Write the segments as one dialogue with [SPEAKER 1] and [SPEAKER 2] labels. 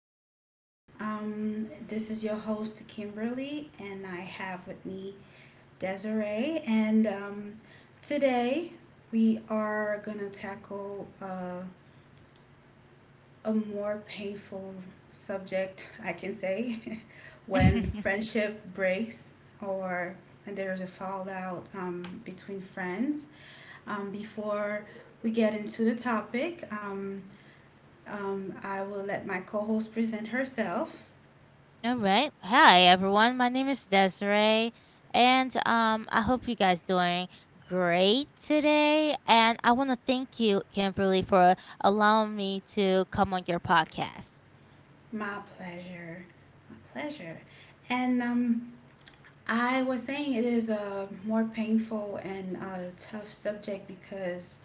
[SPEAKER 1] back. This is your host, Kimberly, and I have with me Desiree. And Today we are going to tackle a more painful subject, I can say, when friendship breaks or when there's a fallout between friends. Before we get into the topic, I will let my co host present herself.
[SPEAKER 2] All right. Hi everyone. My name is Desiree, and I hope you guys doing great today, and I want to thank you, Kimberly, for allowing me to come on your podcast.
[SPEAKER 1] My pleasure. My pleasure. And I was saying it is a more painful and tough subject because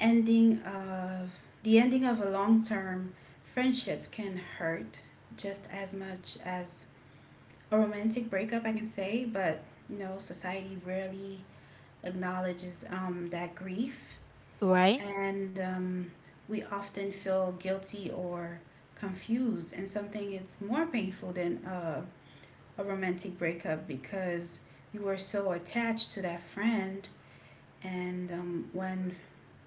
[SPEAKER 1] ending of the ending of a long term friendship can hurt just as much as a romantic breakup, I can say, but you know, society rarely acknowledges that grief,
[SPEAKER 2] Right?
[SPEAKER 1] and we often feel guilty or confused and something it's more painful than a romantic breakup because you were so attached to that friend, and when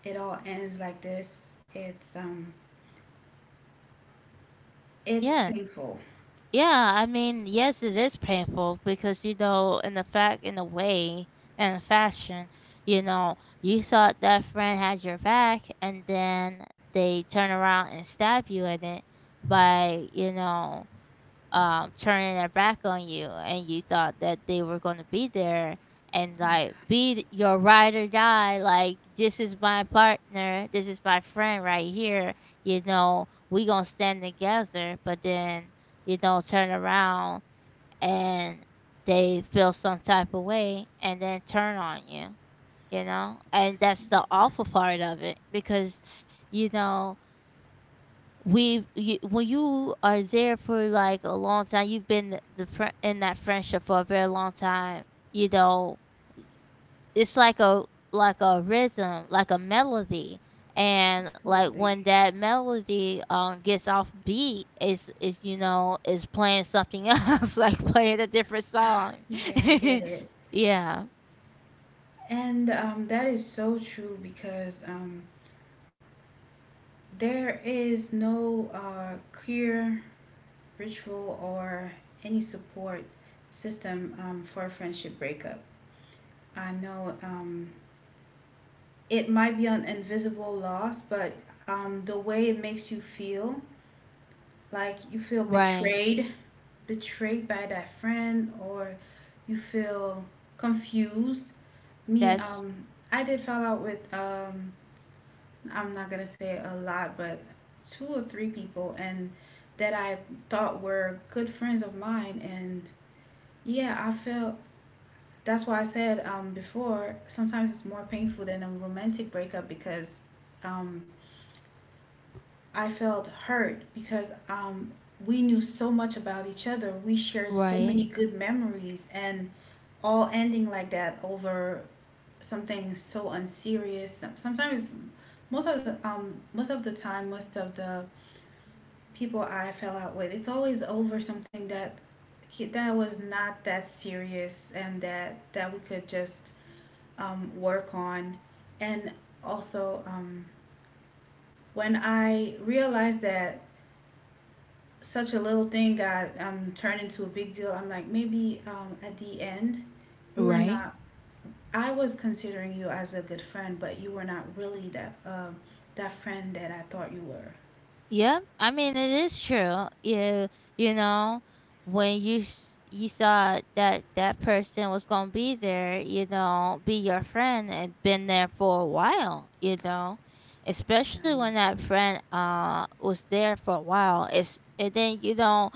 [SPEAKER 1] it all ends like this it's
[SPEAKER 2] Yeah.
[SPEAKER 1] painful.
[SPEAKER 2] Yeah, I mean, yes, it is painful because, you know, in the fact, in a way, in a fashion, you know, you thought that friend had your back, and then they turn around and stab you in it by, you know, turning their back on you. And you thought that they were going to be there and
[SPEAKER 1] Yeah,
[SPEAKER 2] like be your ride or die. Like, this is my partner, this is my friend right here. You know, we gonna stand together, but then, you know, turn around, and they feel some type of way and then turn on you. You know, and that's the
[SPEAKER 1] yeah,
[SPEAKER 2] awful part of it, because, you know, when you are there for like a long time, you've been the fri in that friendship for a very long time. You know, it's like a rhythm, like a melody. And like
[SPEAKER 1] absolutely.
[SPEAKER 2] when that melody gets off beat, is you know is playing something else, like playing a different song.
[SPEAKER 1] Yeah, I get it.
[SPEAKER 2] Yeah.
[SPEAKER 1] And that is so true because there is no clear ritual or any support system for a friendship breakup. I know it might be an invisible loss, but the way it makes you feel, like you feel
[SPEAKER 2] Right.
[SPEAKER 1] betrayed, betrayed by that friend, or you feel confused. Me,
[SPEAKER 2] That's
[SPEAKER 1] um, I did fall out with, I'm not gonna say a lot, but two or three people, and that I thought were good friends of mine, and yeah, I felt. That's why I said before, sometimes it's more painful than a romantic breakup because um, I felt hurt because we knew so much about each other. We shared so
[SPEAKER 2] right.
[SPEAKER 1] many good memories, and all ending like that over something so unserious. Sometimes, most of the most of the time, most of the people I fell out with, it's always over something that that was not that serious and that that we could just work on. And also, when I realized that such a little thing got turned into a big deal, I'm like, maybe at the end, we were
[SPEAKER 2] Right.
[SPEAKER 1] not. I was considering you as a good friend, but you were not really that that friend that I thought you were.
[SPEAKER 2] Yep, I mean, it is true. You know when you you saw that person was gonna be there, you know, be your friend, and been there for a while, you know, especially when
[SPEAKER 1] Yeah.
[SPEAKER 2] that friend was there for a while. It's And then,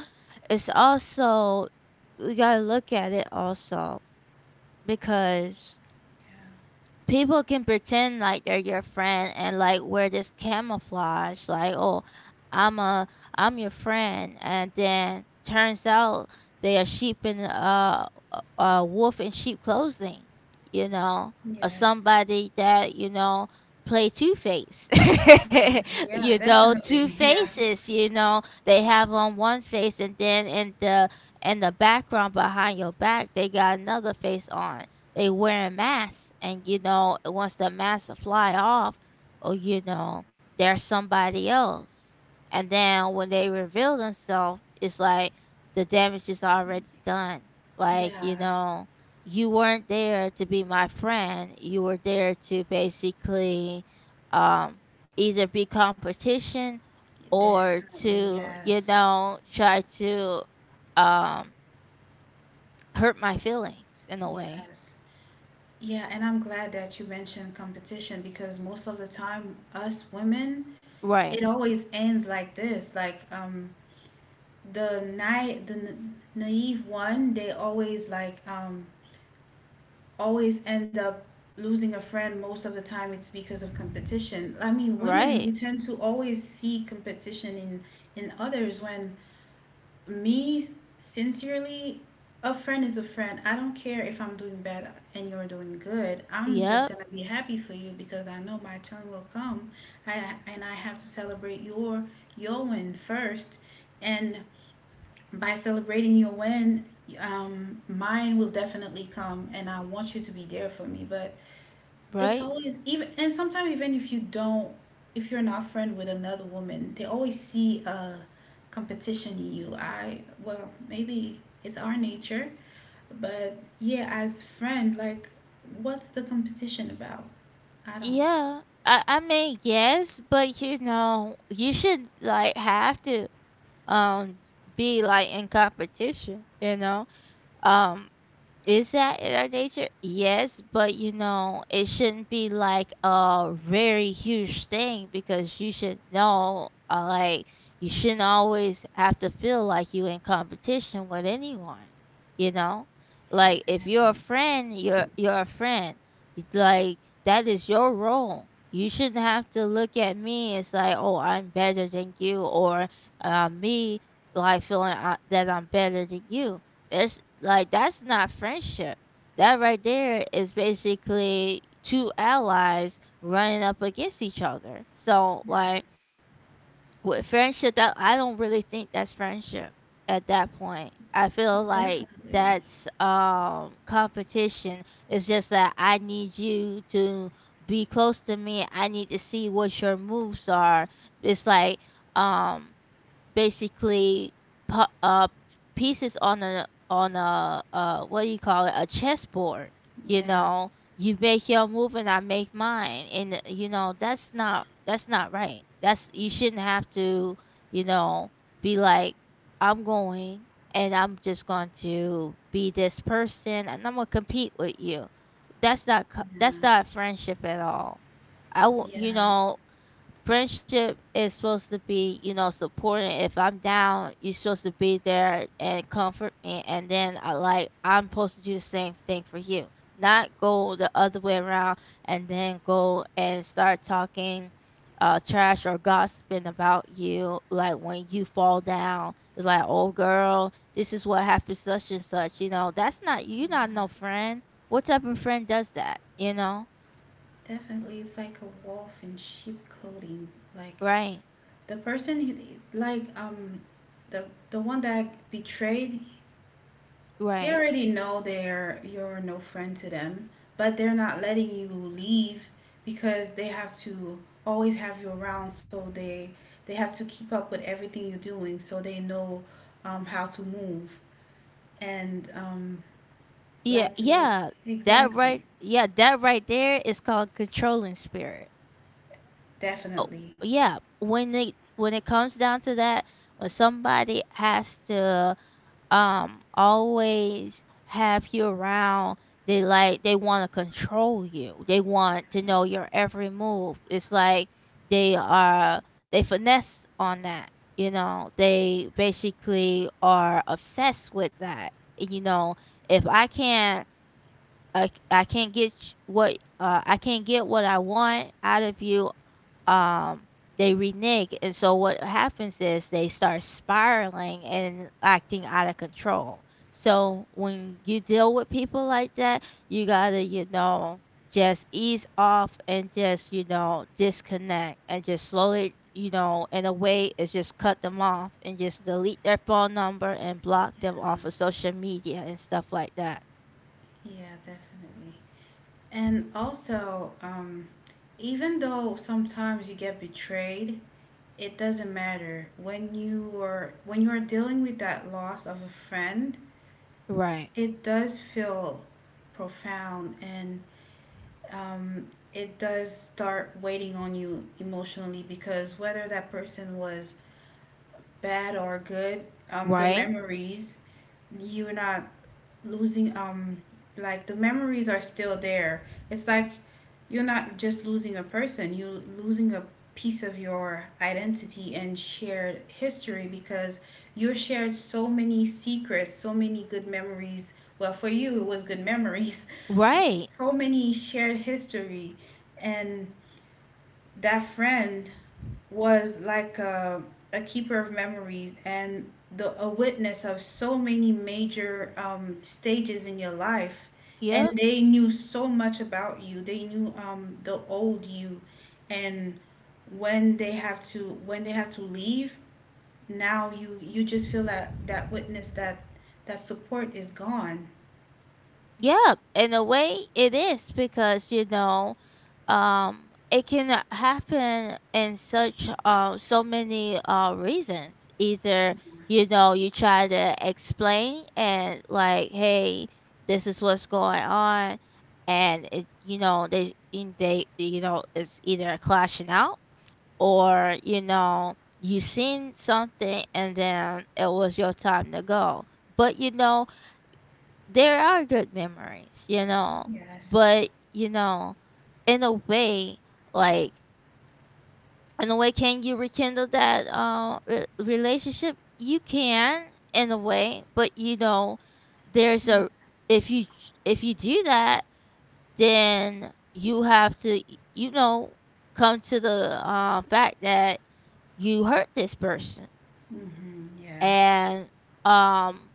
[SPEAKER 2] it's also, we gotta look at it also, because people can pretend like they're your friend and like wear this camouflage, like, oh, i'm a I'm your friend, and then turns out they are sheep in a wolf in sheep clothing, you know.
[SPEAKER 1] Yeah.
[SPEAKER 2] Or
[SPEAKER 1] Yes.
[SPEAKER 2] somebody that, you know, play two face.
[SPEAKER 1] Yeah,
[SPEAKER 2] You know, two
[SPEAKER 1] definitely. Yeah.
[SPEAKER 2] faces, you know, they have on one face, and then in the background behind your back, they got another face on. They wearing masks, and, you know, once the mask fly off, or, you know, they're somebody else. And then when they reveal themselves, it's like the damage is already done. Like, you
[SPEAKER 1] Yeah,
[SPEAKER 2] know, you weren't there to be my friend, you were there to basically, um either be competition, or
[SPEAKER 1] definitely.
[SPEAKER 2] to, you
[SPEAKER 1] Yes.
[SPEAKER 2] know, try to, um hurt my feelings in a way.
[SPEAKER 1] Yes. Yeah, and I'm glad that you mentioned competition because most of the time, us women, it
[SPEAKER 2] Right.
[SPEAKER 1] always ends like this. Like the night, the n- naive one, they always like always end up losing a friend. Most of the time, it's because of competition. I mean, women, we
[SPEAKER 2] Right.
[SPEAKER 1] tend to always see competition in others when me sincerely a friend is a friend. I don't care if I'm doing bad and you're doing good, I'm just
[SPEAKER 2] Yep.
[SPEAKER 1] gonna be happy for you because I know my turn will come. I, and I have to celebrate your win first, and by celebrating your win, mine will definitely come and I want you to be there for me. But it's
[SPEAKER 2] Right.
[SPEAKER 1] always even, and sometimes even if you don't, if you're not friend with another woman, they always see a competition in you. I, well, maybe it's our nature, but yeah, as friend, like what's the competition about? I don't.
[SPEAKER 2] Yeah. I mean, yes, but, you know, you should like have to, um be like in competition, you know. Um Is that in our nature? Yes, but, you know, it shouldn't be like a very huge thing, because you should know, like, you shouldn't always have to feel like you in competition with anyone, you know? Like, if you're a
[SPEAKER 1] Exactly.
[SPEAKER 2] friend, you're a friend. Like, that is your role. You shouldn't have to look at me as like, oh, I'm better than you, or me, like, feeling that I'm better than you. That's not friendship. That right there is basically two allies running up against each other. So, like, with friendship, that I don't really think that's friendship at that point. I feel like
[SPEAKER 1] Definitely.
[SPEAKER 2] that's competition. It's just that I need you to be close to me. I need to see what your moves are. It's like, um basically, pu- uh pieces on a what do you call it, a chessboard. You
[SPEAKER 1] Yes.
[SPEAKER 2] know, you make your move, and I make mine, and, you know, that's not right. that's You shouldn't have to, you know, be like, I'm going, and I'm just going to be this person, and I'm going to compete with you. that's not co- that's
[SPEAKER 1] Yeah.
[SPEAKER 2] not friendship at all. I will you
[SPEAKER 1] Yeah.
[SPEAKER 2] know Friendship is supposed to be, you know, supporting. If I'm down, you're supposed to be there and comfort me. And then I, like, I'm supposed to do the same thing for you. Not go the other way around, and then go and start talking trash or gossiping about you like when you fall down. It's like, oh girl, this is what happened such and such, you know. That's not You're not
[SPEAKER 1] Yeah.
[SPEAKER 2] no friend. What type of friend does that? You know?
[SPEAKER 1] Definitely. It's like a wolf in sheep clothing. Like
[SPEAKER 2] Right.
[SPEAKER 1] the person who, like um the one that betrayed. They
[SPEAKER 2] Right.
[SPEAKER 1] already know they're you're no friend to them, but they're not letting you leave because they have to always have you around. So they have to keep up with everything you're doing, so they know how to move. And
[SPEAKER 2] Yeah,
[SPEAKER 1] Like you meant,
[SPEAKER 2] yeah,
[SPEAKER 1] exactly,
[SPEAKER 2] yeah, that right there is called controlling spirit. Oh,
[SPEAKER 1] definitely.
[SPEAKER 2] yeah, when they when it comes down to that, when somebody has to, always have you around, they like they want to control you. They want to know
[SPEAKER 1] Yes.
[SPEAKER 2] your every move. It's like they are, they finesse on that. You know, they basically are obsessed with that. You know, if I can't, I c- I can't get sh- what I can't get what I want out of you. Um, they renege, and so what happens is they start spiraling and acting out of control. So when you deal with people like that, you gotta, you know, just ease off, and just, you know, disconnect, and just slowly, you know, in a way, is just cut them off, and just delete their phone number, and block them
[SPEAKER 1] Yeah,
[SPEAKER 2] off of social media and stuff like that.
[SPEAKER 1] yeah, definitely. And also, even though sometimes you get betrayed, it doesn't matter. When you are dealing with that loss of a friend,
[SPEAKER 2] Right.
[SPEAKER 1] it does feel profound, and um, it does start waiting on you emotionally because whether that person was bad or good, the
[SPEAKER 2] Right.
[SPEAKER 1] memories, you're not losing like the memories are still there. It's like you're not just losing a person, you're losing a piece of your identity and shared history because you shared so many secrets, so many good memories. Well, for you, it was good memories,
[SPEAKER 2] Right.
[SPEAKER 1] so many shared history, and that friend was like a keeper of memories and a witness of so many major stages in your life. And
[SPEAKER 2] Yep.
[SPEAKER 1] they knew so much about you. They knew the old you, and when they have to leave, now you just feel that that witness that that support is gone.
[SPEAKER 2] Yep. In a way, it is, because, you know, it can happen in such so many reasons. Either, you know, you try to explain and, like, hey, this is what's going on, and it, you know, they they, you know, it's either clashing out, or, you know, you seen something, and then it was your time to go. But, you know, there are good memories, you know,
[SPEAKER 1] Yes.
[SPEAKER 2] but, you know, in a way, like, in a way, can you rekindle that, relationship? You can, in a way, but, you know, there's a if you if you do that, then you have to, you know, come to the, fact that you hurt this person.
[SPEAKER 1] Mm-hmm. Yeah.
[SPEAKER 2] And um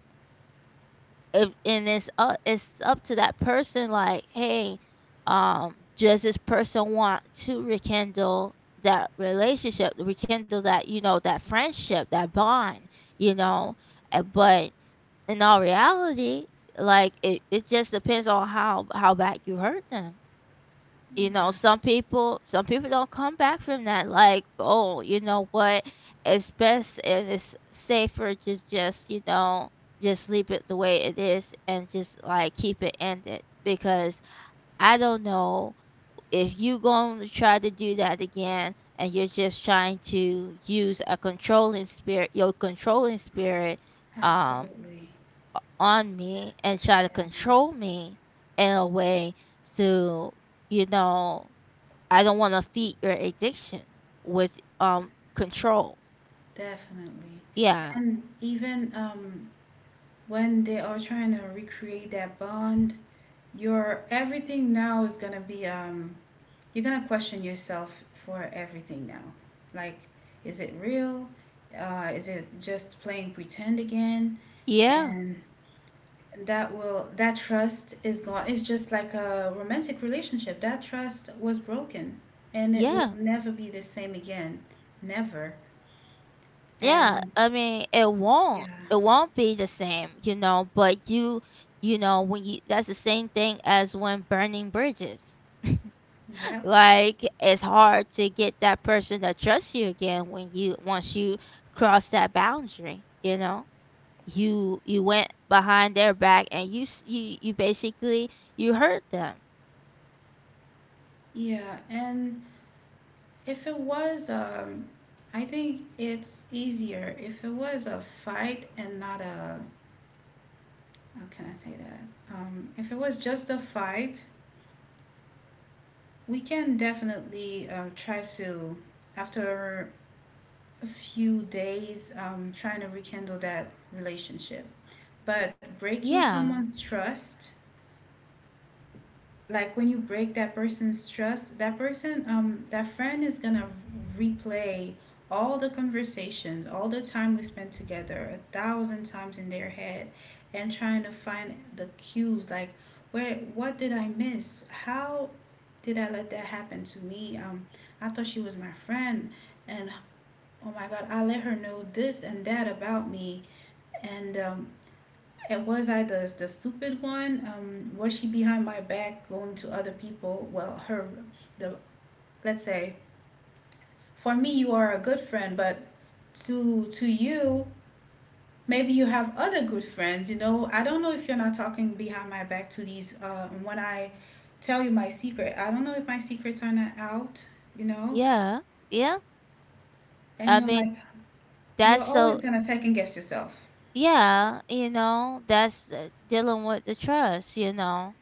[SPEAKER 2] if and it's up to that person. Like, hey, does this person want to rekindle that relationship, rekindle that, you know, that friendship, that bond. you know but in all reality, like, it just depends on how bad you hurt them. You know,
[SPEAKER 1] Yeah.
[SPEAKER 2] some people don't come back from that. Like, oh, you know what, it's best, and it's safer to just, you know, just leave it the way it is, and just like keep it ended, because I don't know if you going to try to do that again, and you're just trying to use a controlling spirit your controlling spirit, um
[SPEAKER 1] Absolutely.
[SPEAKER 2] on me and try to
[SPEAKER 1] Yeah.
[SPEAKER 2] control me in a way to you know I don't want to feed your addiction with, control.
[SPEAKER 1] Definitely.
[SPEAKER 2] Yeah.
[SPEAKER 1] And even when they are trying to recreate that bond, your everything now is gonna be you're gonna question yourself for everything now. Like, is it real? Is it just playing pretend again?
[SPEAKER 2] Yeah.
[SPEAKER 1] And that will that trust is gone. It's just like a romantic relationship. That trust was broken, and it will
[SPEAKER 2] Yeah.
[SPEAKER 1] never be the same again. Never.
[SPEAKER 2] Yeah.
[SPEAKER 1] And
[SPEAKER 2] I mean, it won't.
[SPEAKER 1] yeah,
[SPEAKER 2] It won't be the same, you know, but you know, when you that's the same thing as when burning bridges.
[SPEAKER 1] yep.
[SPEAKER 2] Like, it's hard to get that person to trust you again, when you once you cross that boundary, you know? You went behind their back, and you basically you hurt them.
[SPEAKER 1] Yeah, and if it was, I think it's easier if it was a fight and not a, how can I say that? If it was just a fight, we can definitely try to, after a few days, trying to rekindle that relationship. But breaking
[SPEAKER 2] Yeah.
[SPEAKER 1] someone's trust, like when you break that person's trust, that person, that friend is gonna replay all the conversations, all the time we spent together, a thousand times in their head, and trying to find the cues, like where, what did I miss? How did I let that happen to me? I thought she was my friend, and oh my God, I let her know this and that about me, and um, and was I the stupid one? Was she behind my back going to other people? Well, her, the, let's say for me you are a good friend, but to you maybe you have other good friends. You know, I don't know if you're not talking behind my back to these. When I tell you my secret, I don't know if my secrets are not out. You know,
[SPEAKER 2] Yeah. Yeah.
[SPEAKER 1] and
[SPEAKER 2] I
[SPEAKER 1] you're
[SPEAKER 2] mean,
[SPEAKER 1] like,
[SPEAKER 2] that's
[SPEAKER 1] you're
[SPEAKER 2] so,
[SPEAKER 1] always gonna second guess yourself.
[SPEAKER 2] yeah, that's dealing with the trust.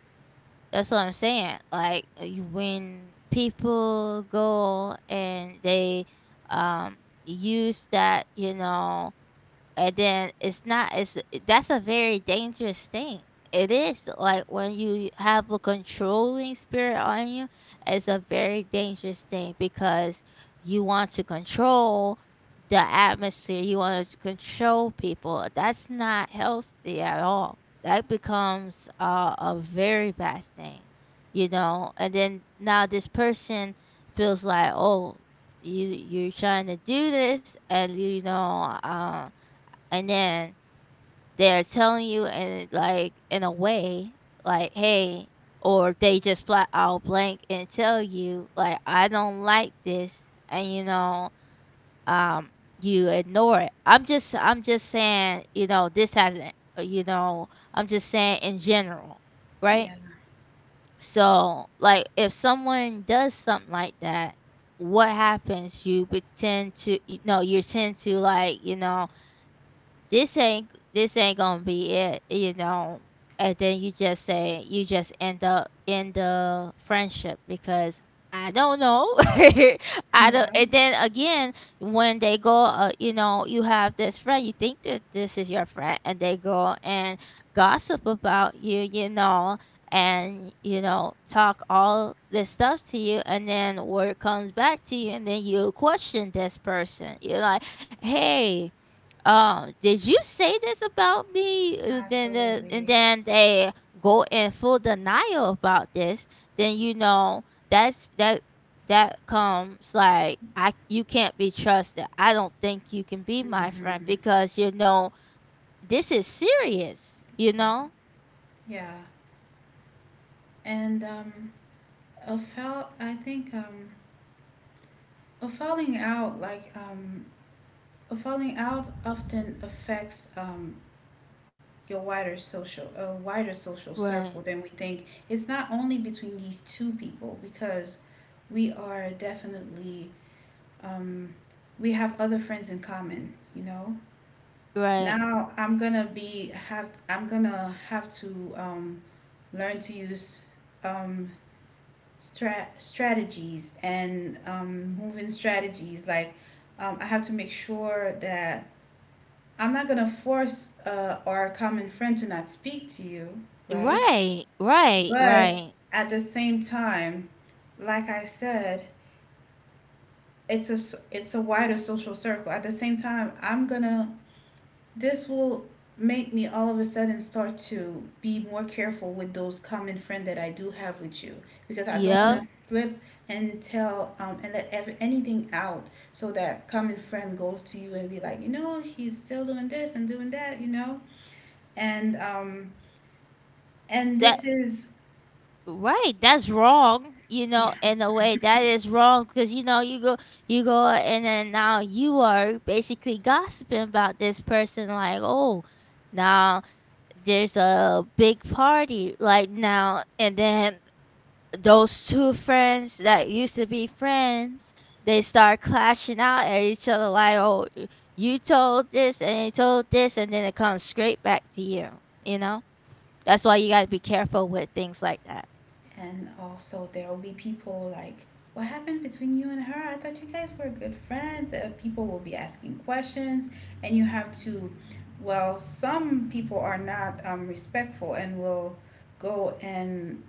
[SPEAKER 2] That's what I'm saying. Like, when people go, and they, um, use that, you know, and then it's not, it's, that's a very dangerous thing. It is like when you have a controlling spirit on you, it's a very dangerous thing, because you want to control the atmosphere, you want to control people. That's not healthy at all. That becomes, a very bad thing. You know, and then now this person feels like, oh, you're trying to do this, and, you know, and then they're telling you in, like, in a way, like, hey. Or they just flat out blank and tell you, like, I don't like this. And, you know, um you ignore it. I'm just saying, you know, this hasn't, uh, you know I'm just saying in general. Right?
[SPEAKER 1] Yeah,
[SPEAKER 2] So, like, if someone does something like that, what happens? You pretend to No, you tend to, like, you know, this ain't gonna be it, you know. And then you just end up in the friendship because I don't know. I don't.
[SPEAKER 1] yeah,
[SPEAKER 2] And then again, when they go, you have this friend. You think that this is your friend, and they go and gossip about you, and, talk all this stuff to you, and then word comes back to you, and then you question this person. You're like, hey, did you say this about me? Uh, then the, and
[SPEAKER 1] absolutely.
[SPEAKER 2] then they go in full denial about this. Then you know that's that comes like, I, you can't be trusted. I don't think you can be my friend
[SPEAKER 1] Hmm.
[SPEAKER 2] because, you know, this is serious, you
[SPEAKER 1] Yeah,
[SPEAKER 2] know?
[SPEAKER 1] yeah. And A fall, I think, a falling out, like, a falling out often affects a wider social
[SPEAKER 2] right
[SPEAKER 1] circle than we think. It's not only between these two people because we are definitely, um, we have other friends in common, you know.
[SPEAKER 2] right
[SPEAKER 1] Now I'm gonna I'm gonna have to learn to use um, strategies and moving strategies. Like, I have to make sure that I'm not gonna force our common friend to not speak to you, right?
[SPEAKER 2] right right
[SPEAKER 1] But
[SPEAKER 2] right
[SPEAKER 1] at the same time, like I said, it's a wider social circle. At the same time, I'm gonna, this will make me all of a sudden start to be more careful with those common friend that I do have with you because I don't want to
[SPEAKER 2] Yep.
[SPEAKER 1] slip and tell and anything out, so that common friend goes to you and be like, you know, he's still doing this and doing that, you know, and um, and
[SPEAKER 2] that
[SPEAKER 1] this is
[SPEAKER 2] Right, that's wrong, you know,
[SPEAKER 1] yeah.
[SPEAKER 2] in a way that is wrong because, you know, you go and then now you are basically gossiping about this person like, "Oh, now there's a big party like now." And then those two friends that used to be friends, they start clashing out at each other like, "Oh, you told this and you told this," and then it comes straight back to you, you know? That's why you got to be careful with things like that.
[SPEAKER 1] And also, there will be people like, what happened between you and her? I thought you guys were good friends. People will be asking questions, and you have to, well, some people are not respectful and will go and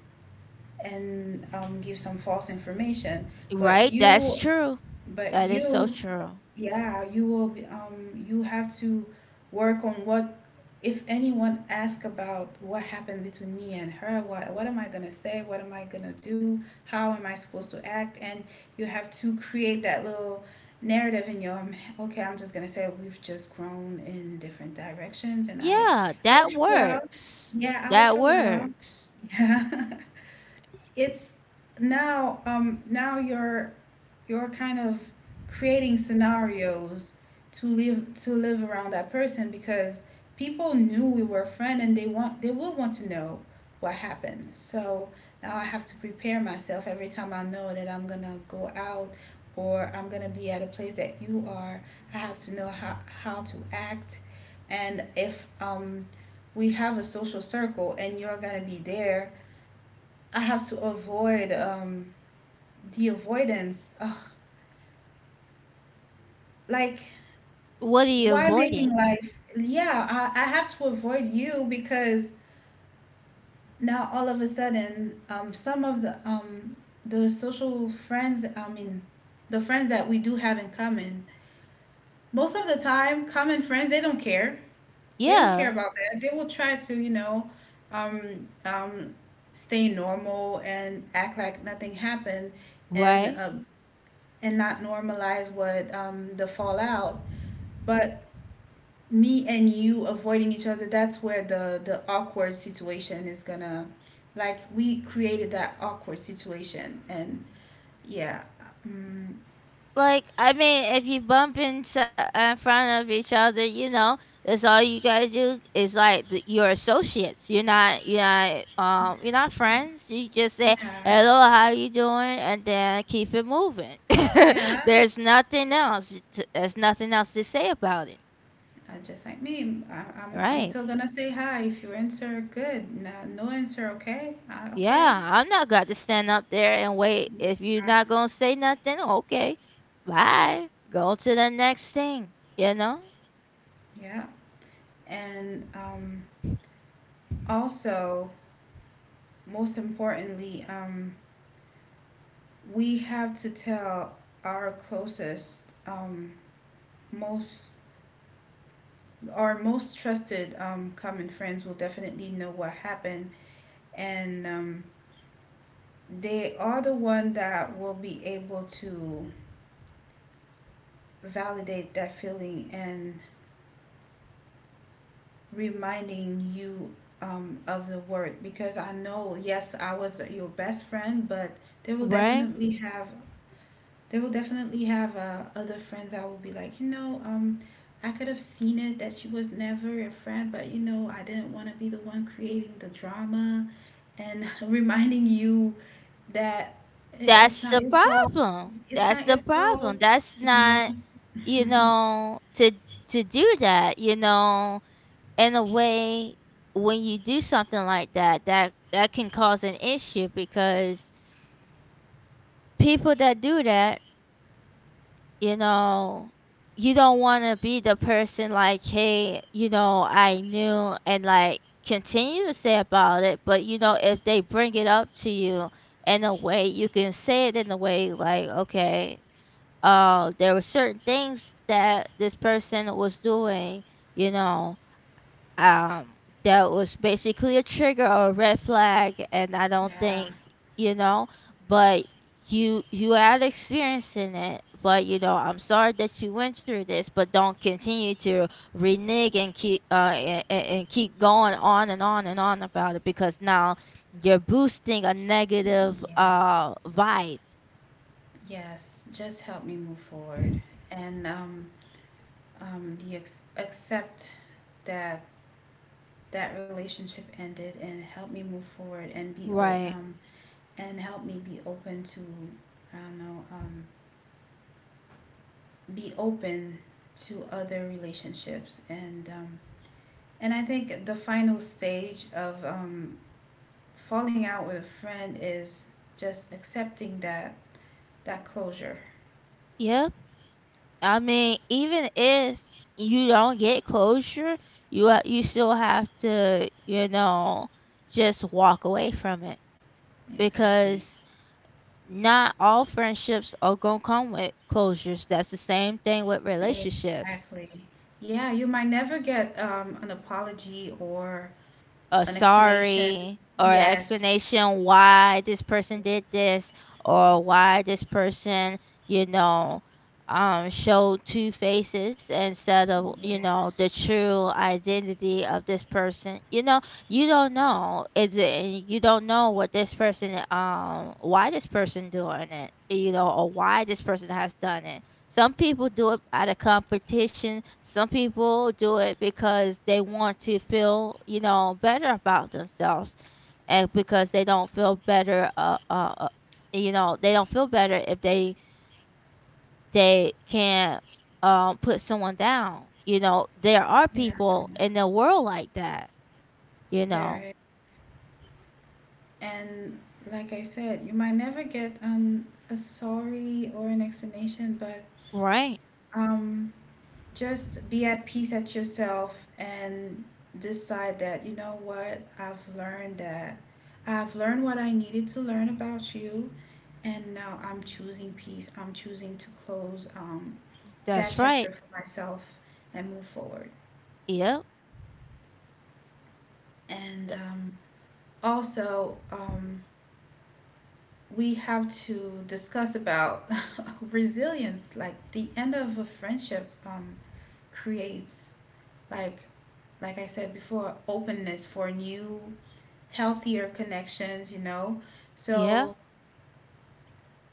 [SPEAKER 1] give some false information. But
[SPEAKER 2] Right? That's
[SPEAKER 1] you,
[SPEAKER 2] true.
[SPEAKER 1] but
[SPEAKER 2] That is so
[SPEAKER 1] you,
[SPEAKER 2] true.
[SPEAKER 1] yeah, you will be, you have to work on what if anyone asks about what happened between me and her, what am I gonna say? What am I gonna do? How am I supposed to act? And you have to create that little narrative in your okay, I'm just gonna say we've just grown in different directions and
[SPEAKER 2] Yeah,
[SPEAKER 1] I
[SPEAKER 2] that
[SPEAKER 1] wish her well.
[SPEAKER 2] works.
[SPEAKER 1] Yeah, I wish
[SPEAKER 2] That
[SPEAKER 1] her well.
[SPEAKER 2] works.
[SPEAKER 1] Yeah. It's now now you're kind of creating scenarios to live around that person because people knew we were a friend and they will want to know what happened. So now I have to prepare myself every time I know that I'm gonna go out or I'm gonna be at a place that you are. I have to know how to act, and if we have a social circle and you're gonna be there, I have to avoid the avoidance. Ugh, like
[SPEAKER 2] What are you
[SPEAKER 1] why making
[SPEAKER 2] avoiding?
[SPEAKER 1] life? Yeah, I have to avoid you because now all of a sudden, some of the social friends, I mean, the friends that we do have in common, most of the time, common friends, they don't care. They don't care
[SPEAKER 2] Yeah,
[SPEAKER 1] about that. They will try to, um, um, stay normal and act like nothing happened, and
[SPEAKER 2] right?
[SPEAKER 1] um, and not normalize what the fallout. But me and you avoiding each other, that's where the awkward situation is gonna, like, we created that awkward situation. Yeah mm,
[SPEAKER 2] Like, I mean, if you bump in front of each other, you know, that's all you gotta do is like the, your associates. You're not friends. You just say
[SPEAKER 1] yeah,
[SPEAKER 2] hello, how you doing, and then keep it moving.
[SPEAKER 1] yeah,
[SPEAKER 2] There's nothing else, there's nothing else to say about it,
[SPEAKER 1] I just, like, me, I'm
[SPEAKER 2] right?
[SPEAKER 1] still gonna say hi. If you answer, good. No, no answer, okay.
[SPEAKER 2] Yeah, I'm not got to stand up there and wait.
[SPEAKER 1] Yeah,
[SPEAKER 2] If you're not gonna say nothing, okay, bye. Go to the next thing. You know,
[SPEAKER 1] yeah. And also, most importantly, we have to tell our closest, um most, our most trusted, common friends will definitely know what happened, and they are the one that will be able to validate that feeling and reminding you, of the word, because I know, yes, I was your best friend, but they will
[SPEAKER 2] right?
[SPEAKER 1] definitely have. They will definitely have, other friends. I will be like, I could have seen it that she was never your friend, but you know, I didn't want to be the one creating the drama and reminding you that it's
[SPEAKER 2] That's
[SPEAKER 1] not
[SPEAKER 2] the
[SPEAKER 1] your fault.
[SPEAKER 2] problem.
[SPEAKER 1] It's
[SPEAKER 2] That's
[SPEAKER 1] not
[SPEAKER 2] the
[SPEAKER 1] your
[SPEAKER 2] problem.
[SPEAKER 1] fault,
[SPEAKER 2] That's
[SPEAKER 1] you know.
[SPEAKER 2] not, you know, to do that. You know, in a way, when you do something like that, that can cause an issue because people that do that, you know, you don't want to be the person like, hey, you know, I knew, and like continue to say about it. But you know, if they bring it up to you, in a way you can say it in a way like, okay, there were certain things that this person was doing, you know, um that was basically a trigger or a red flag. And I don't
[SPEAKER 1] Yeah,
[SPEAKER 2] think, you know, but you had experience in it. But you know, I'm sorry that you went through this, but don't continue to renege and keep and keep going on and on and on about it, because now you're boosting a negative
[SPEAKER 1] yes,
[SPEAKER 2] vibe,
[SPEAKER 1] yes. Just help me move forward and accept that that relationship ended, and help me move forward and be
[SPEAKER 2] right?
[SPEAKER 1] and help me be open to, I don't know, be open to other relationships, and and I think the final stage of, falling out with a friend is just accepting that, that closure.
[SPEAKER 2] Yeah, I mean, even if you don't get closure, you still have to, you know, just walk away from it
[SPEAKER 1] Exactly.
[SPEAKER 2] because not all friendships are gonna come with closures. That's the same thing with relationships.
[SPEAKER 1] Exactly. Yeah, you might never get, an apology or
[SPEAKER 2] A
[SPEAKER 1] an explanation.
[SPEAKER 2] sorry or an
[SPEAKER 1] Yes,
[SPEAKER 2] explanation why this person did this, or why this person, you know, showed two faces instead of, you know, the
[SPEAKER 1] yes.
[SPEAKER 2] true identity of this person. You know, you don't know. It's, and you don't know what this person, why this person doing it, you know, or why this person has done it. Some people do it out of competition. Some people do it because they want to feel, you know, better about themselves, and because they don't feel better. You know, they don't feel better if they, they can not put someone down. You know, there are
[SPEAKER 1] Yeah,
[SPEAKER 2] people in the world like that. You know,
[SPEAKER 1] there. And like I said, you might never get an a sorry or an explanation, but
[SPEAKER 2] right?
[SPEAKER 1] um just be at peace at yourself and decide that, you know what, I've learned that. I've learned what I needed to learn about you, and now I'm choosing peace. I'm choosing to close that
[SPEAKER 2] That's right.
[SPEAKER 1] chapter for myself and move forward.
[SPEAKER 2] Yep.
[SPEAKER 1] And also, we have to discuss about resilience, like the end of a friendship, creates, like like I said before, openness for new healthier connections, you know.
[SPEAKER 2] Yeah.
[SPEAKER 1] So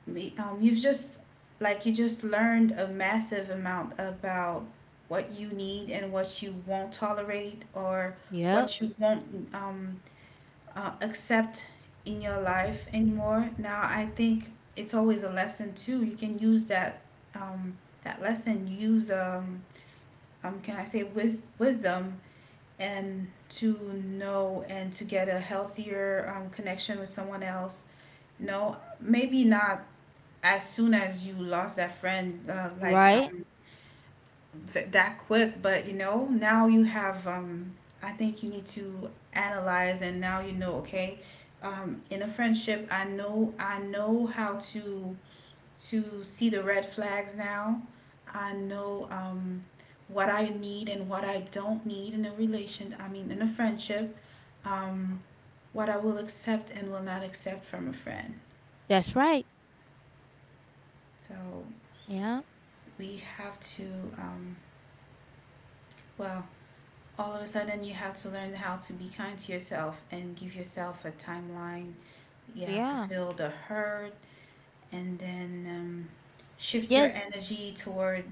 [SPEAKER 1] you've just, like, you just learned a massive amount about what you need and what you won't tolerate, or
[SPEAKER 2] Yep.
[SPEAKER 1] what you won't, um, accept in your life anymore. Now I think it's always a lesson too. You can use that, um, that lesson. Use, can I say wisdom, and to know and to get a healthier, connection with someone else. No, maybe not as soon as you lost that friend, like
[SPEAKER 2] Right.
[SPEAKER 1] that quick. But you know, now you have. I think you need to analyze, and now you know. Okay, in a friendship, I know how to see the red flags now. I know, what I need and what I don't need in a relation. I mean, in a friendship, um, what I will accept and will not accept from a friend.
[SPEAKER 2] That's right.
[SPEAKER 1] So
[SPEAKER 2] Yeah.
[SPEAKER 1] we have to. Um, well, all of a sudden you have to learn how to be kind to yourself and give yourself a timeline. Yeah, to
[SPEAKER 2] Yeah.
[SPEAKER 1] feel the hurt, and then shift your
[SPEAKER 2] Yes.
[SPEAKER 1] energy toward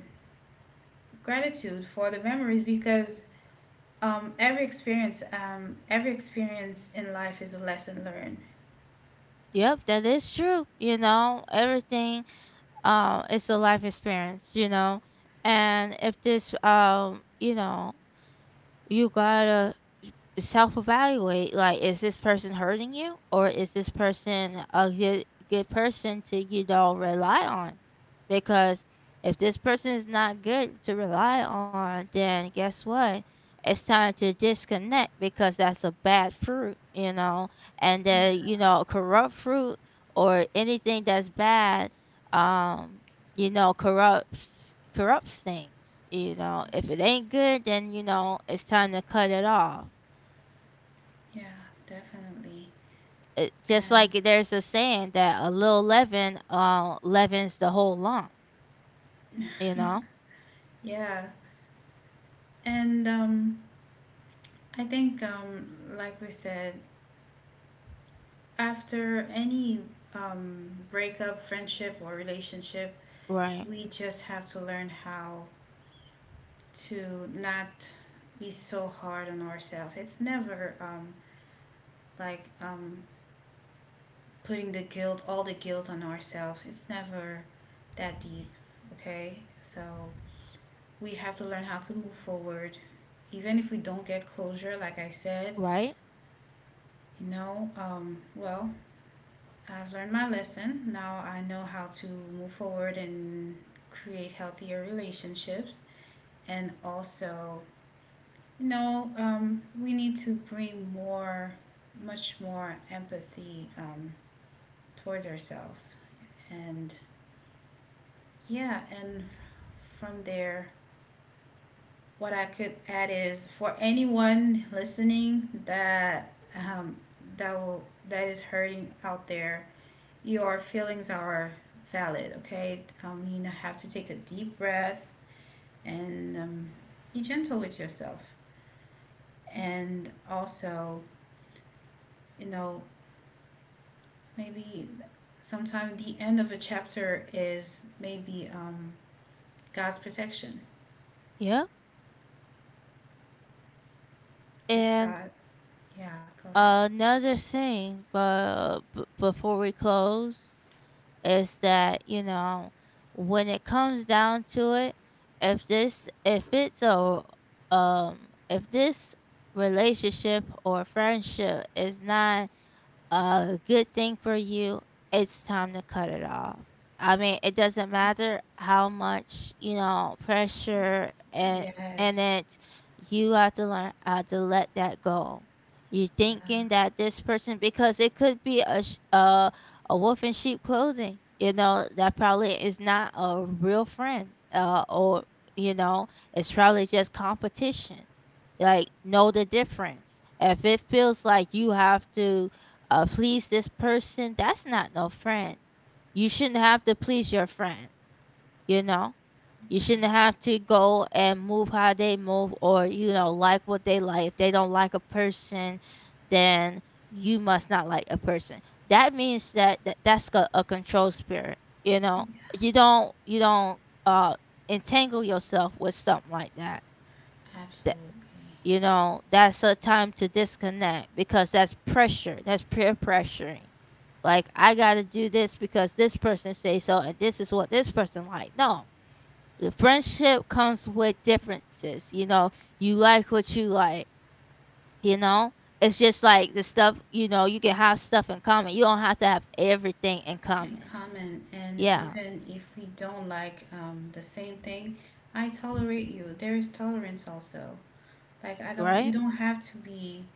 [SPEAKER 1] gratitude for the memories. Because every experience in life is a lesson learned.
[SPEAKER 2] Yep, that is true. You know, everything is a life experience, you know. And if this, you know, you gotta self evaluate, like, is this person hurting you, or is this person a good person to, you know, rely on? Because if this person is not good to rely on, then guess what, it's time to disconnect because that's a bad fruit, you know, and
[SPEAKER 1] Yeah,
[SPEAKER 2] then, you know, corrupt fruit, or anything that's bad, um you know, corrupts things, you know. If it ain't good, then you know it's time to cut it off.
[SPEAKER 1] yeah, definitely.
[SPEAKER 2] Just like
[SPEAKER 1] And
[SPEAKER 2] there's a saying that a little leaven leavens the whole lump, you know?
[SPEAKER 1] yeah, and I think, like we said, after any, breakup, friendship, or relationship,
[SPEAKER 2] Right.
[SPEAKER 1] we just have to learn how to not be so hard on ourselves. It's never, like um, putting the guilt, all the guilt on ourselves. It's never that deep, okay? So we have to learn how to move forward. Even if we don't get closure, like I said,
[SPEAKER 2] Right?
[SPEAKER 1] you know, well, I've learned my lesson. Now I know how to move forward and create healthier relationships, and also, no, we need to bring more, much more empathy, towards ourselves. And yeah, and from there, what I could add is for anyone listening that, that will, that is hurting out there, your feelings are valid. Okay, you have to take a deep breath, and be gentle with yourself, and also, you know, maybe sometimes the end of a chapter is maybe God's protection.
[SPEAKER 2] Yeah.
[SPEAKER 1] It's
[SPEAKER 2] And
[SPEAKER 1] God. Yeah, go ahead.
[SPEAKER 2] another thing, but before we close, is that, you know, when it comes down to it, if this, if it's a, if this relationship or friendship is not a good thing for you, it's time to cut it off. I mean, it doesn't matter how much, you know, pressure and
[SPEAKER 1] Yes.
[SPEAKER 2] it, you have to learn how to let that go. You
[SPEAKER 1] Yeah.
[SPEAKER 2] thinking that this person, because it could be a a wolf in sheep clothing. You know, that probably is not a real friend. Uh, or you know, it's probably just competition. Like, know the difference. If it feels like you have to, please this person. That's not no friend. You shouldn't have to please your friend, you know? You shouldn't
[SPEAKER 1] Yeah.
[SPEAKER 2] have to go and move how they move, or, you know, like what they like. If they don't like a person, then you must not like a person. That means that, that that's a control spirit, you know?
[SPEAKER 1] Yeah.
[SPEAKER 2] You don't, uh, entangle yourself with something like that.
[SPEAKER 1] Absolutely.
[SPEAKER 2] You know, that's a time to disconnect because that's pressure, that's peer pressuring. Like, I gotta do this because this person say so, and this is what this person like. No, the friendship comes with differences, you know. You like what you like, you know. It's just like the stuff, you know, you can have stuff in common. You don't have to have everything in
[SPEAKER 1] And
[SPEAKER 2] common.
[SPEAKER 1] common. And
[SPEAKER 2] Yeah.
[SPEAKER 1] even if we don't like the same thing, I tolerate you. There is tolerance also. Like I don't, you
[SPEAKER 2] Right.
[SPEAKER 1] don't have to be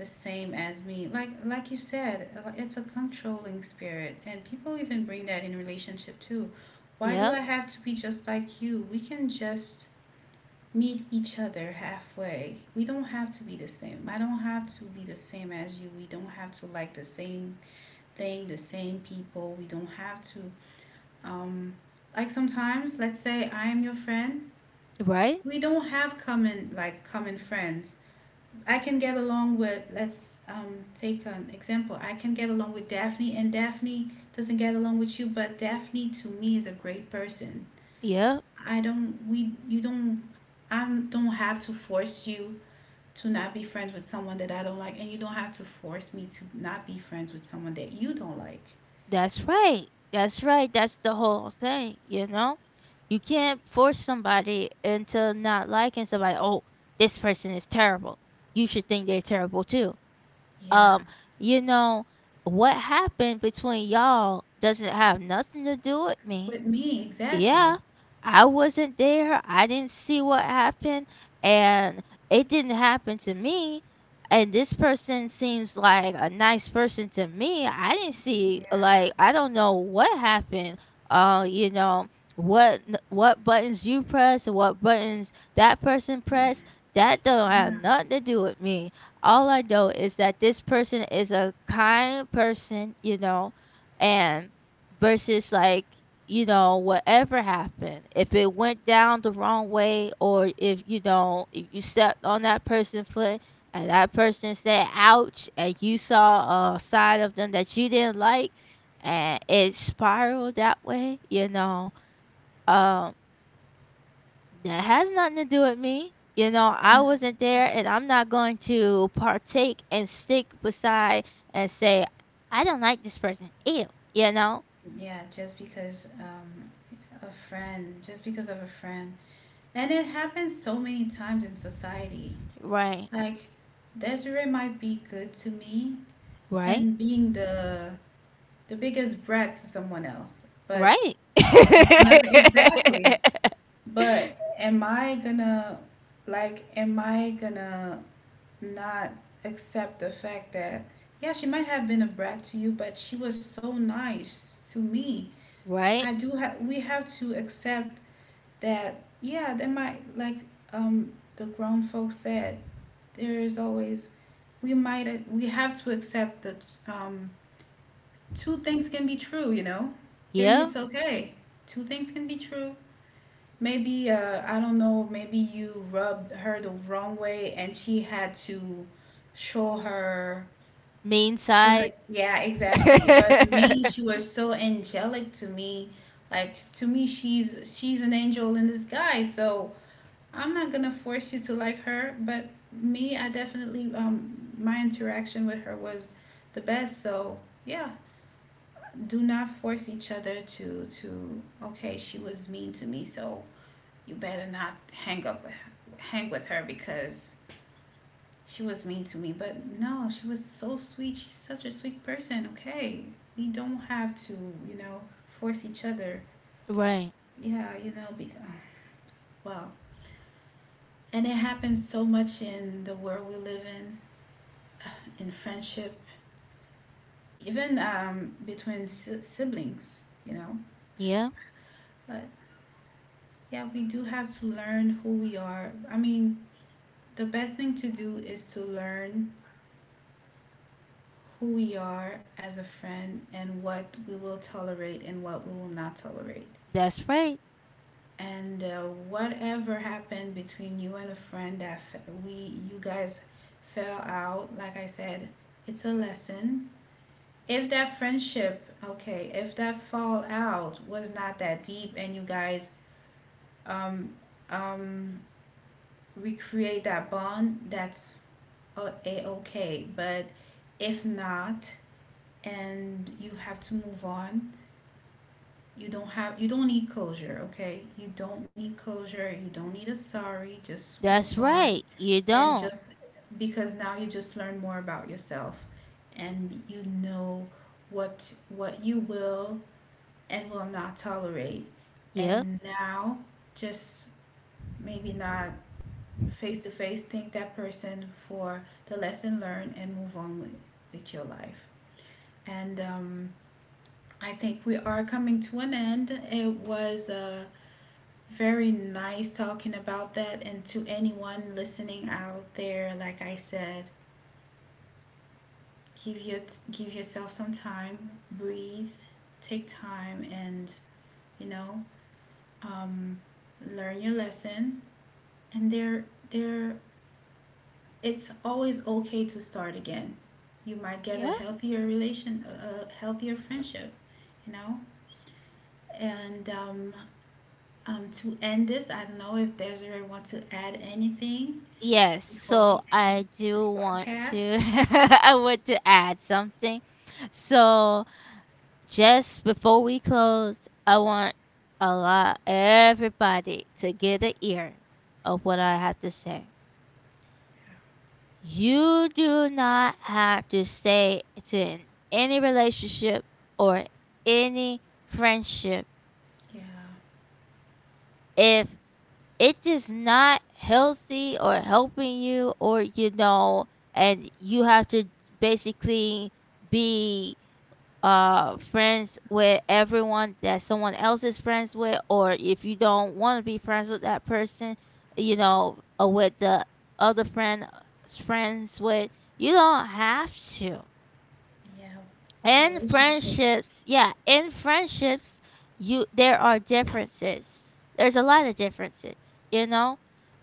[SPEAKER 1] the same as me. Like you said, it's a controlling spirit, and people even bring that in relationship too. Why do
[SPEAKER 2] Yeah.
[SPEAKER 1] I have to be just like you? We can just meet each other halfway. We don't have to be the same. I don't have to be the same as you. We don't have to like the same thing, the same people. We don't have to, um like sometimes, let's say I am your friend.
[SPEAKER 2] Right.
[SPEAKER 1] We don't have common, like, common friends. I can get along with, let's take an example. I can get along with Daphne, and Daphne doesn't get along with you, but Daphne to me is a great person.
[SPEAKER 2] Yeah.
[SPEAKER 1] I don't, we, you don't, I don't have to force you to not be friends with someone that I don't like, and you don't have to force me to not be friends with someone that you don't like.
[SPEAKER 2] That's right. That's right. That's the whole thing, you know? You can't force somebody into not liking somebody. Oh, this person is terrible. You should think they're terrible too.
[SPEAKER 1] Yeah,
[SPEAKER 2] Um, you know, what happened between y'all doesn't have nothing to do with me.
[SPEAKER 1] with me, exactly.
[SPEAKER 2] Yeah, I wasn't there. I didn't see what happened, and it didn't happen to me. And this person seems like a nice person to me. I didn't see,
[SPEAKER 1] Yeah,
[SPEAKER 2] like, I don't know what happened. You know, what what buttons you press and what buttons that person press. That don't have
[SPEAKER 1] yeah,
[SPEAKER 2] nothing to do with me. All I know is that this person is a kind person, you know, and versus like, you know, whatever happened, if it went down the wrong way, or if, you know, if you stepped on that person's foot and that person said ouch and you saw a side of them that you didn't like and it spiraled that way, you know, um, that has nothing to do with me. You know,
[SPEAKER 1] yeah.
[SPEAKER 2] I wasn't there, and I'm not going to partake and stick beside and say, I don't like this person. Ew, you know?
[SPEAKER 1] Yeah, just because a friend, just because of a friend. And it happens so many times in society.
[SPEAKER 2] Right,
[SPEAKER 1] Like Desiree might be good to me
[SPEAKER 2] right.
[SPEAKER 1] and being the biggest brat to someone else. But
[SPEAKER 2] Right.
[SPEAKER 1] that has nothing exactly. But am I gonna, like am I gonna not accept the fact that, yeah, she might have been a brat to you, but she was so nice to me.
[SPEAKER 2] Right.
[SPEAKER 1] I do have we have to accept that, yeah, that might, like, the grown folks said there's always, we might, we have to accept that, two things can be true, you know, and
[SPEAKER 2] Yeah.
[SPEAKER 1] it's okay. Two things can be true. Maybe I don't know. Maybe you rubbed her the wrong way, and she had to show her,
[SPEAKER 2] Main side.
[SPEAKER 1] Yeah, exactly. But me, she was so angelic to me. Like to me, she's an angel in disguise. So I'm not gonna force you to like her, but me, I definitely, my interaction with her was the best. So yeah, do not force each other to, okay, she was mean to me, so you better not hang up, hang with her, because she was mean to me. But no, she was so sweet. She's such a sweet person. Okay, we don't have to, you know force each other.
[SPEAKER 2] Right.
[SPEAKER 1] Yeah, you know, because, well, and it happens so much in the world we live in friendship, even, between siblings, you know.
[SPEAKER 2] Yeah.
[SPEAKER 1] But yeah, we do have to learn who we are. I mean, the best thing to do is to learn who we are as a friend and what we will tolerate and what we will not tolerate.
[SPEAKER 2] That's right.
[SPEAKER 1] And whatever happened between you and a friend that, we, you guys fell out, like I said, it's a lesson. If that friendship, okay, if that fallout was not that deep, and you guys, um um recreate that bond, that's a okay. But if not, and you have to move on, you don't have, you don't need closure, okay? You don't need closure, you don't need
[SPEAKER 2] Mm,
[SPEAKER 1] a sorry, just
[SPEAKER 2] that's
[SPEAKER 1] move on.
[SPEAKER 2] right. You
[SPEAKER 1] And
[SPEAKER 2] don't.
[SPEAKER 1] just because now you just learn more about yourself, and you know what you will and will not tolerate.
[SPEAKER 2] Yep.
[SPEAKER 1] And now, just maybe not face to face, thank that person for the lesson learned and move on with your life. And I think we are coming to an end. It was very nice talking about that. And to anyone listening out there, like I said, give your, give yourself some time, breathe, take time, and you know, um, learn your lesson, and there, it's always okay to start again. You might get a
[SPEAKER 2] Yep.
[SPEAKER 1] healthier relation, a healthier friendship, you know. And to end this, I don't know if Desiree want to add anything
[SPEAKER 2] Yes.
[SPEAKER 1] before
[SPEAKER 2] So
[SPEAKER 1] we end
[SPEAKER 2] I
[SPEAKER 1] this
[SPEAKER 2] do want
[SPEAKER 1] podcast.
[SPEAKER 2] to I want to add something. So just before we close, I want a lot everybody to get an ear of what I have to say. You do not have to stay to in any relationship or any friendship
[SPEAKER 1] Yeah,
[SPEAKER 2] if it is not healthy or helping you, or you know, and you have to basically be friends with everyone that someone else is friends with, or if you don't want to be friends with that person, you know, or with the other friend friends with, you don't have to.
[SPEAKER 1] yeah, a
[SPEAKER 2] In
[SPEAKER 1] relationship,
[SPEAKER 2] friendships, yeah, in friendships, you, there are differences, there's a lot of differences, you know.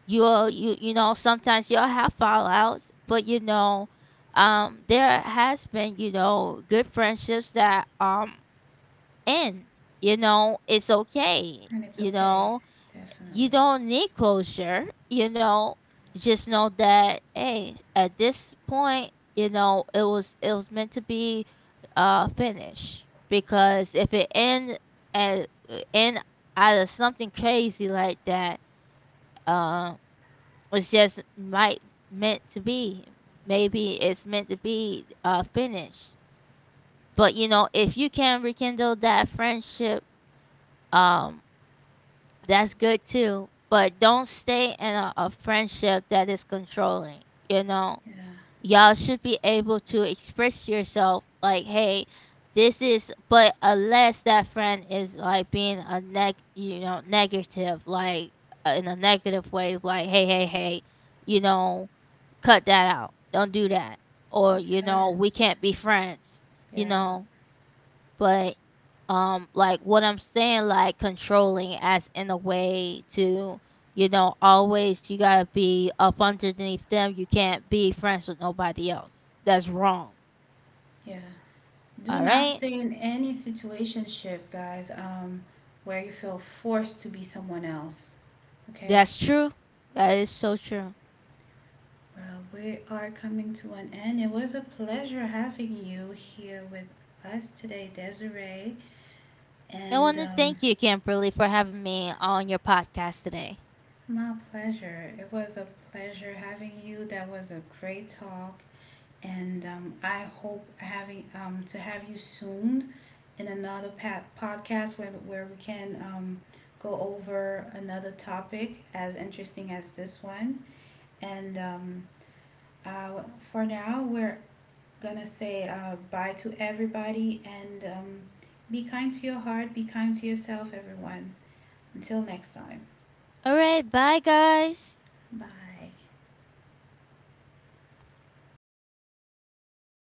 [SPEAKER 2] You'll, you know, sometimes you'll have fallouts, but you know, there has been, you know, good friendships that end, you know, it's okay,
[SPEAKER 1] and it's
[SPEAKER 2] you
[SPEAKER 1] okay.
[SPEAKER 2] know. You
[SPEAKER 1] Definitely.
[SPEAKER 2] don't need closure, you know. Just know that, hey, at this point, you know, it was, it was meant to be finished. Because if it end at end out of something crazy like that, uh it's just might meant to be. Maybe it's meant to be finished. But you know, if you can rekindle that friendship, um that's good too, but don't stay in a friendship that is controlling. You know,
[SPEAKER 1] Yeah,
[SPEAKER 2] y'all should be able to express yourself like, hey, this is, but unless that friend is like being a neg, you know, negative, like, in a negative way, like, hey, hey, hey, you know, cut that out. Don't do that. Or, you know, we
[SPEAKER 1] yes,
[SPEAKER 2] can't be friends, you
[SPEAKER 1] yeah,
[SPEAKER 2] know. But, like, what I'm saying, like, controlling as in a way to, you know, always you gotta be up underneath them. You can't be friends with nobody else. That's wrong.
[SPEAKER 1] yeah. Do
[SPEAKER 2] All
[SPEAKER 1] not
[SPEAKER 2] right?
[SPEAKER 1] stay in any situationship, guys, where you feel forced to be someone else. Okay?
[SPEAKER 2] That's true. That is so true.
[SPEAKER 1] Well, we are coming to an end. It was a pleasure having you here with us today, Desiree.
[SPEAKER 2] I
[SPEAKER 1] And
[SPEAKER 2] want to thank you, Kimberly, for having me on your podcast today.
[SPEAKER 1] My pleasure. It was a pleasure having you. That was a great talk. And I hope having, to have you soon in another podcast where we can, go over another topic as interesting as this one. And for now, we're gonna say bye to everybody, and be kind to your heart, be kind to yourself, everyone. Until next time,
[SPEAKER 2] All right. Bye, guys.
[SPEAKER 1] bye.